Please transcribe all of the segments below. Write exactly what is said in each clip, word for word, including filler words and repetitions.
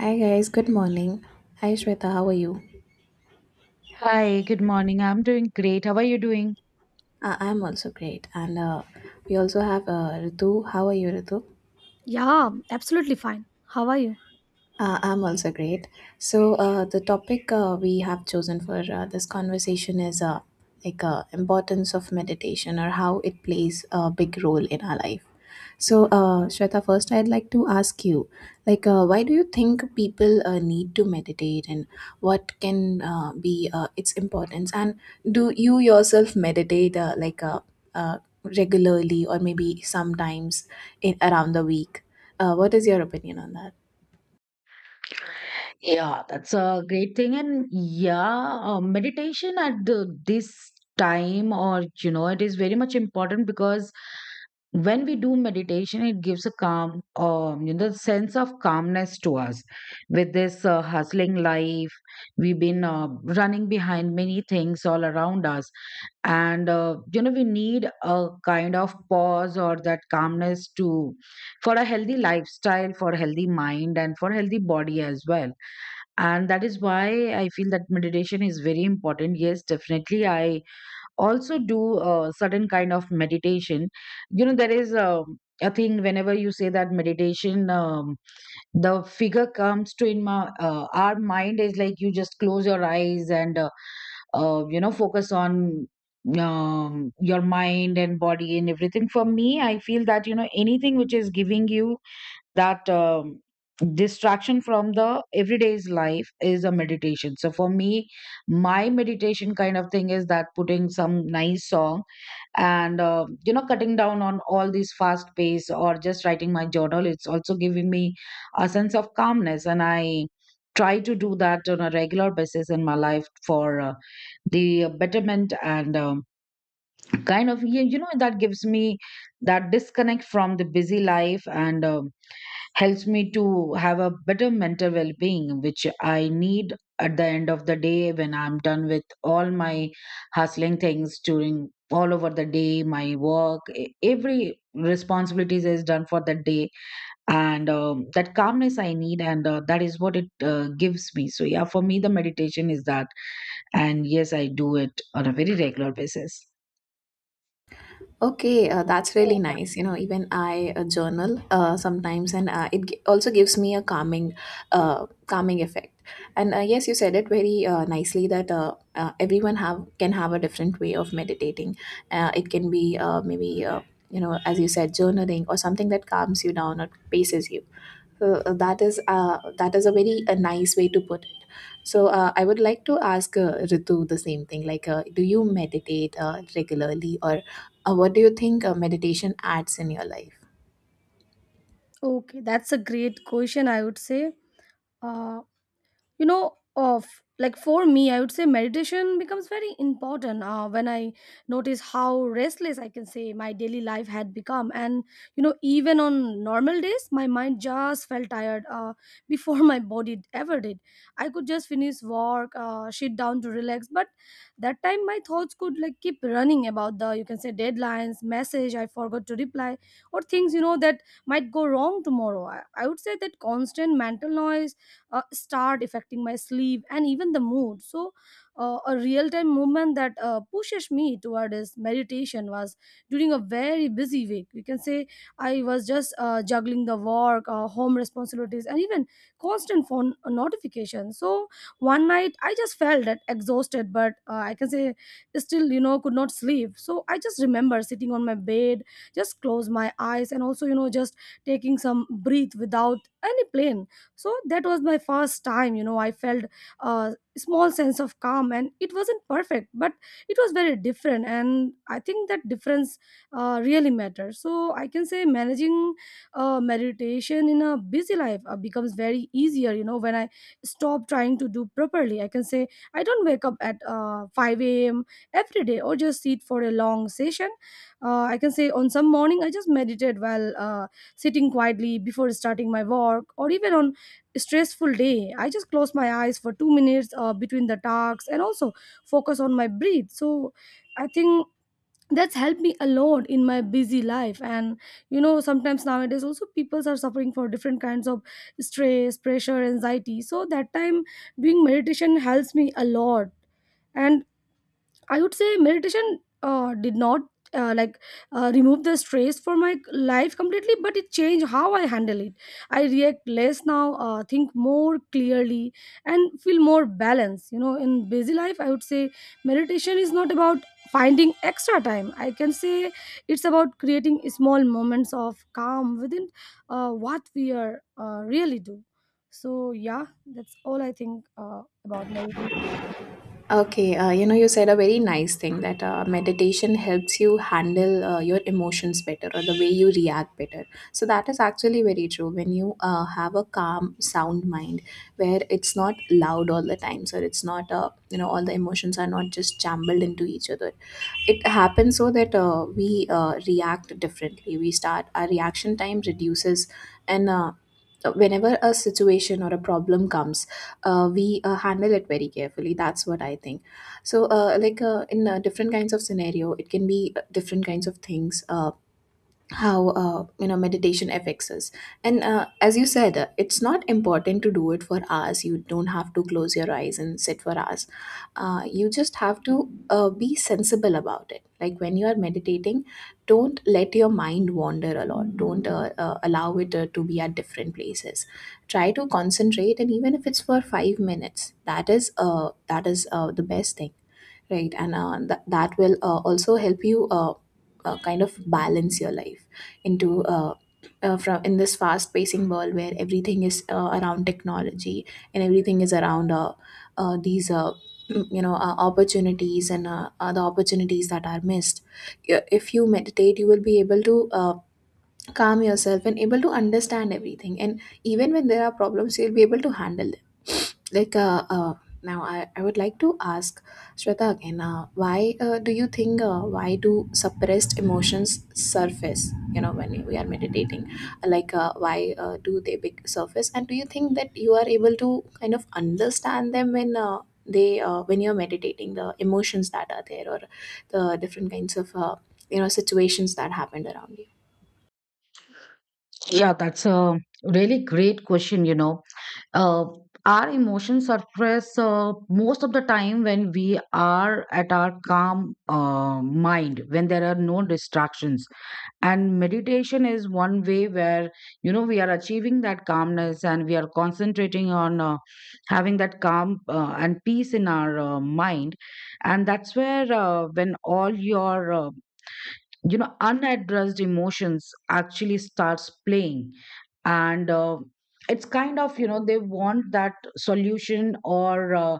Hi guys, good morning. Hi Shweta, how are you? Hi, good morning. I'm doing great. How are you doing? Uh, I'm also great. And uh, we also have uh, Ritu. How are you, Ritu? Yeah, absolutely fine. How are you? Uh, I'm also great. So uh, the topic uh, we have chosen for uh, this conversation is uh, like uh, importance of meditation or how it plays a big role in our life. So uh, Shweta, first I'd like to ask you, like, uh, why do you think people uh, need to meditate, and what can uh, be uh, its importance? And do you yourself meditate, uh, like, uh, uh, regularly or maybe sometimes in around the week? Uh, what is your opinion on that? Yeah, that's a great thing. And yeah, uh, meditation at the, this time, or you know, it is very much important because when we do meditation, it gives a calm, um, you know, sense of calmness to us. With this uh, hustling life, we've been uh, running behind many things all around us. And uh, You know, we need a kind of pause or that calmness to, for a healthy lifestyle, for healthy mind, and for healthy body as well. And that is why I feel that meditation is very important. Yes, definitely, I also do a certain kind of meditation. You know, there is a, a thing whenever you say that meditation, um, the figure comes to in my uh, our mind is like you just close your eyes and uh, uh, you know, focus on, um, your mind and body and everything. For me, I feel that, you know, anything which is giving you that, um, distraction from the everyday's life is a meditation. So for me, my meditation kind of thing is that putting some nice song and uh, you know, cutting down on all these fast pace, or just writing my journal. It's also giving me a sense of calmness, and I try to do that on a regular basis in my life for uh, the betterment, and um, kind of you, you know, that gives me that disconnect from the busy life, and um, helps me to have a better mental well-being, which I need at the end of the day when I'm done with all my hustling things during all over the day. My work, e- every responsibilities is done for that day, and um, that calmness I need, and uh, that is what it uh, gives me. So yeah, for me the meditation is that, and yes, I do it on a very regular basis. Okay, uh, that's really nice. You know, even I uh, journal uh, sometimes, and uh, it g- also gives me a calming, uh, calming effect. And uh, yes, you said it very uh, nicely that uh, uh, everyone have can have a different way of meditating. Uh, it can be uh, maybe uh, you know, as you said, journaling or something that calms you down or paces you. Uh, uh, that is uh, that is a very a nice way to put it. So uh, I would like to ask uh, Ritu the same thing. Like, uh, do you meditate uh, regularly, or uh, what do you think uh, meditation adds in your life? Okay, that's a great question, I would say. Uh, you know of like for me, i would say meditation becomes very important uh, when i notice how restless I can say my daily life had become. And you know, even on normal days my mind just felt tired uh, before my body ever did. I could just finish work, uh, sit down to relax, but that time my thoughts could like keep running about the, you can say, deadlines, message I forgot to reply or things, you know, that might go wrong tomorrow. i, I would say that constant mental noise uh, start affecting my sleep and even the mood. So uh, a real time movement that uh, pushes me toward this meditation was during a very busy week, you can say. I was just uh, juggling the work, uh, home responsibilities, and even constant phone notifications. So one night I just felt that exhausted, but uh, I can say still, you know, could not sleep. So I just remember sitting on my bed, just close my eyes, and also, you know, just taking some breath without any plan. So that was my first time, you know. I felt a small sense of calm, and it wasn't perfect, but it was very different, and I think that difference uh, really matters. So I can say managing uh, meditation in a busy life uh, becomes very easier, you know, when I stop trying to do properly. I can say I don't wake up at uh, five a m every day or just sit for a long session. uh, I can say on some morning I just meditate while uh, sitting quietly before starting my work, or even on stressful day I just close my eyes for 2 minutes uh, between the tasks and also focus on my breath. So I think that's helped me a lot in my busy life. And you know, sometimes nowadays also people are suffering for different kinds of stress, pressure, anxiety. So that time, doing meditation helps me a lot. And I would say meditation uh, did not uh, like uh, remove the stress for my life completely, but it changed how I handle it. I react less now, uh, think more clearly, and feel more balanced. You know, in busy life, I would say meditation is not about finding extra time. I can say it's about creating small moments of calm within uh, what we are uh, really do. So yeah, that's all I think uh, about meditation. Okay, uh, you know, you said a very nice thing that uh, meditation helps you handle uh, your emotions better or the way you react better. So, that is actually very true. When you uh, have a calm, sound mind where it's not loud all the time, so it's not, uh, you know, all the emotions are not just jumbled into each other. It happens so that uh, we uh, react differently. We start, our reaction time reduces, and uh, whenever a situation or a problem comes, uh, we uh, handle it very carefully. That's what I think. So uh, like uh, in uh, different kinds of scenario, it can be uh, different kinds of things. Uh, how uh, You know, meditation affects us. And uh, as you said, uh, it's not important to do it for hours. You don't have to close your eyes and sit for hours. Uh, you just have to uh, be sensible about it. Like, when you are meditating, don't let your mind wander a lot. Don't uh, uh, allow it uh, to be at different places. Try to concentrate, and even if it's for five minutes, that is uh, that is uh, the best thing. Right, and uh, th- that will uh, also help you uh, uh, kind of balance your life into uh, uh, from in this fast-pacing world where everything is uh, around technology, and everything is around uh, uh, these uh, you know uh, opportunities and uh, other opportunities that are missed. Y- If you meditate, you will be able to uh, calm yourself and able to understand everything. And even when there are problems, you'll be able to handle them. Like uh, uh now I, I would like to ask Shweta again. Uh, why uh, do you think uh, why do suppressed emotions surface, you know, when we are meditating? Like uh, why uh, do they big surface, and do you think that you are able to kind of understand them when uh, they uh, when you're meditating, the emotions that are there, or the different kinds of uh, you know situations that happened around you? Yeah, that's a really great question, you know. Uh, our emotions suppress uh, most of the time when we are at our calm uh, mind, when there are no distractions. And meditation is one way where, you know, we are achieving that calmness, and we are concentrating on uh, having that calm uh, and peace in our uh, mind. And that's where, uh, when all your uh, you know, unaddressed emotions actually starts playing. And uh, it's kind of, you know, they want that solution, or uh,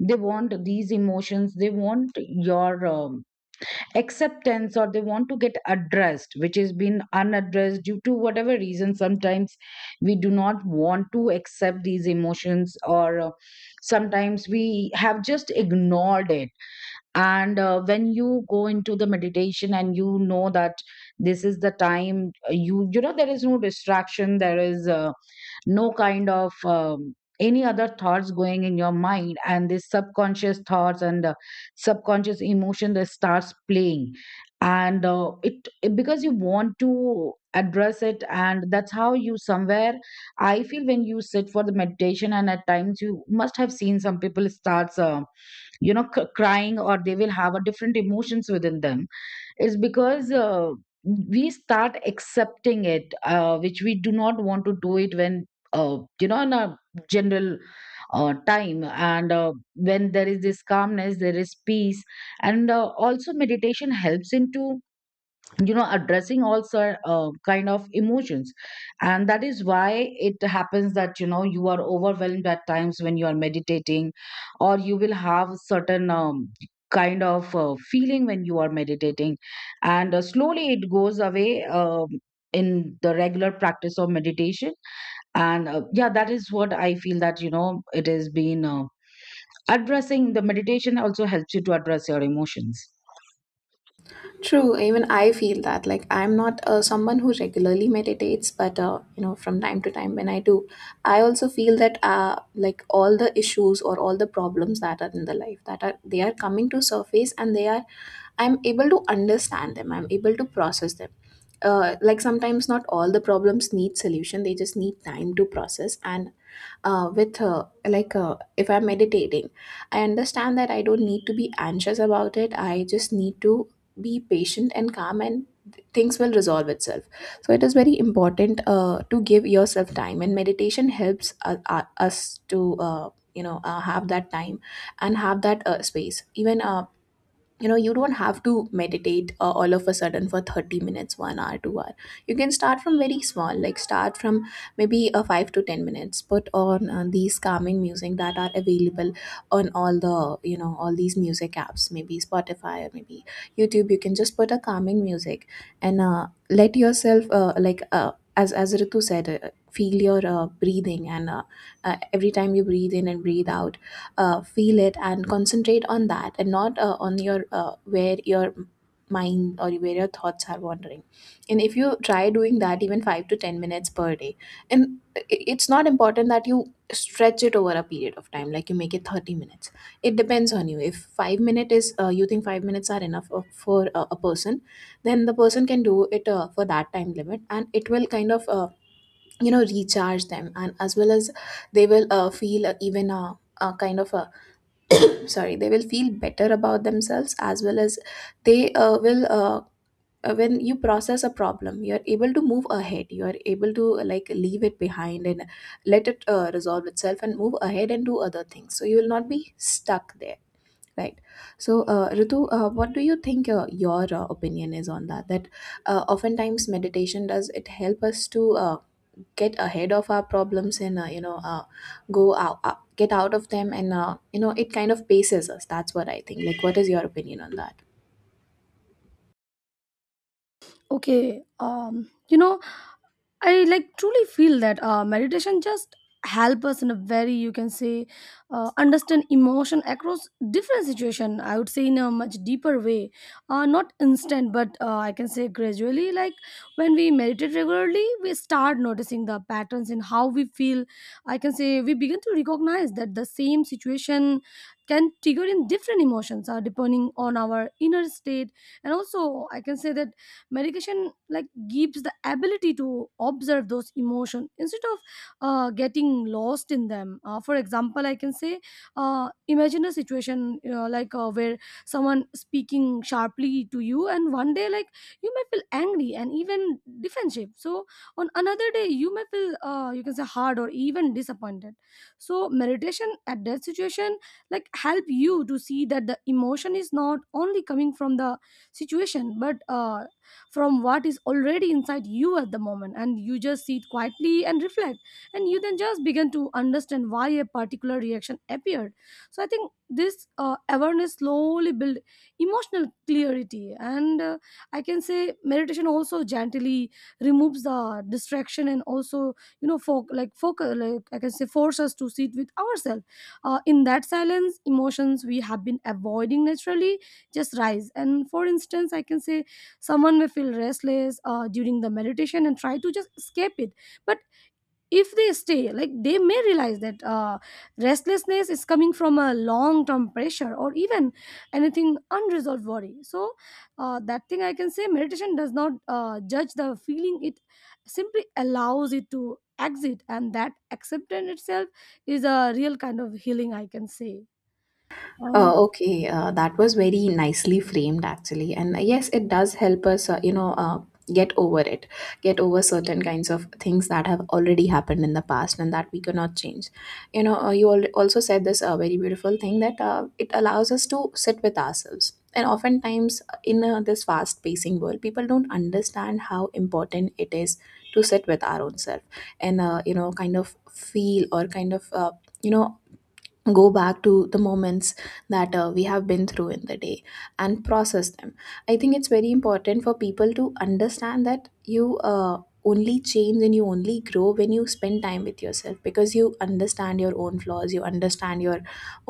they want these emotions, they want your, um, acceptance, or they want to get addressed, which has been unaddressed due to whatever reason. Sometimes we do not want to accept these emotions, or uh, sometimes we have just ignored it. And uh, when you go into the meditation, and you know that this is the time, uh, you, you know, there is no distraction, there is uh, no kind of, um, any other thoughts going in your mind. And this subconscious thoughts and uh, subconscious emotion that starts playing, and uh, it it- because you want to address it. And that's how, you somewhere, I feel, when you sit for the meditation, and at times you must have seen some people starts uh, you know, c- crying, or they will have a different emotions within them, is because, uh, we start accepting it uh, which we do not want to do it when, uh, you know, in a general uh, time. And uh, when there is this calmness, there is peace, and uh, also meditation helps into, you know, addressing all sort uh, kind of emotions. And that is why it happens that, you know, you are overwhelmed at times when you are meditating, or you will have certain, um, kind of uh, feeling when you are meditating, and uh, slowly it goes away, um in the regular practice of meditation. And uh, yeah, that is what I feel, that, you know, it has been uh, addressing, the meditation also helps you to address your emotions. True, even I feel that. Like, I'm not uh, someone who regularly meditates, but uh, you know, from time to time when I do, I also feel that uh, like all the issues or all the problems that are in the life that are, they are coming to surface, and they are, I'm able to understand them. I'm able to process them. Uh, like, sometimes not all the problems need solution; they just need time to process. And uh, with uh, like uh, If I'm meditating, I understand that I don't need to be anxious about it. I just need to be patient and calm, and th- things will resolve itself. So it is very important uh, to give yourself time, and meditation helps uh, uh, us to uh, you know uh, have that time and have that uh, space. Even uh, you know, you don't have to meditate uh, all of a sudden for thirty minutes, one hour, two hour. You can start from very small, like start from maybe a five to ten minutes. Put on uh, these calming music that are available on all the, you know, all these music apps, maybe Spotify or maybe YouTube. You can just put a calming music, and uh, let yourself uh, like uh, as as Ritu said, uh, feel your uh, breathing, and uh, uh, every time you breathe in and breathe out, uh, feel it and concentrate on that, and not uh, on your uh, where your mind or where your thoughts are wandering. And if you try doing that even five to ten minutes per day, and i- it's not important that you stretch it over a period of time, like you make it thirty minutes. It depends on you. If five minute is uh, you think five minutes are enough of- for uh, a person, then the person can do it uh, for that time limit, and it will kind of uh, you know recharge them, and as well as they will uh, feel uh, even a, a kind of a, sorry, they will feel better about themselves, as well as they uh, will uh, uh, when you process a problem, you are able to move ahead, you are able to uh, like leave it behind and let it uh, resolve itself and move ahead and do other things, so you will not be stuck there, right? So uh, Ritu, uh, what do you think uh, your uh, opinion is on that, that uh, oftentimes meditation, does it help us to uh, get ahead of our problems, and uh, you know uh, go out, uh, get out of them, and uh, you know, it kind of paces us? That's what I think. Like, what is your opinion on that? Okay, um, you know, I like truly feel that uh, meditation just help us in a very, you can say, uh, understand emotion across different situation, I would say, in a much deeper way. uh, not instant, but uh, I can say gradually. Like, when we meditate regularly, we start noticing the patterns in how we feel. I can say we begin to recognize that the same situation can trigger in different emotions uh, depending on our inner state. And also, I can say that medication like gives the ability to observe those emotion instead of uh, getting lost in them. uh, for example, I can say, uh, imagine a situation, you know, like uh, where someone speaking sharply to you, and one day like you may feel angry and even defensive. So on another day you may feel uh, you can say hard or even disappointed. So meditation at that situation like help you to see that the emotion is not only coming from the situation, but uh, from what is already inside you at the moment. And you just sit quietly and reflect, and you then just begin to understand why a particular reaction appeared. So I think this uh, awareness slowly build emotional clarity. And uh, I can say meditation also gently removes the distraction, and also, you know, fo- like focus, like, I can say force us to sit with ourselves uh, in that silence. Emotions we have been avoiding naturally just rise. And for instance, I can say someone may feel restless uh, during the meditation and try to just escape it. But if they stay, like they may realize that uh, restlessness is coming from a long term pressure or even anything unresolved worry. So, uh, that thing I can say meditation does not uh, judge the feeling, it simply allows it to exit, and that acceptance itself is a real kind of healing, I can say. Uh, And Okay, uh, that was very nicely framed actually, and uh, yes, it does help us, uh, you know, uh, get over it, get over certain kinds of things that have already happened in the past and that we cannot change. You know, uh, you al- also said this uh, very beautiful thing that uh, it allows us to sit with ourselves. And oftentimes, uh, in uh, this fast-pacing world, people don't understand how important it is to sit with our own self, and uh, you know, kind of feel or kind of uh, you know, go back to the moments that uh, we have been through in the day and process them. I think it's very important for people to understand that you uh, only change and you only grow when you spend time with yourself, because you understand your own flaws, you understand your,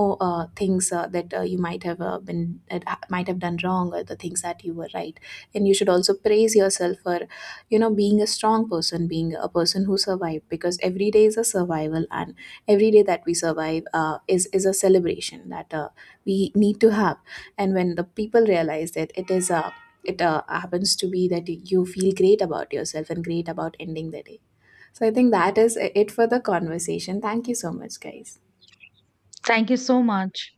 oh, uh, things uh, that uh, you might have uh, been that ha- might have done wrong, or the things that you were right. And you should also praise yourself for, you know, being a strong person, being a person who survived, because every day is a survival. Every day that we survive uh, is is a celebration that uh, we need to have. And when the people realize that, it is a, it uh, happens to be that you feel great about yourself and great about ending the day. So I think that is it for the conversation. Thank you so much, guys. Thank you so much.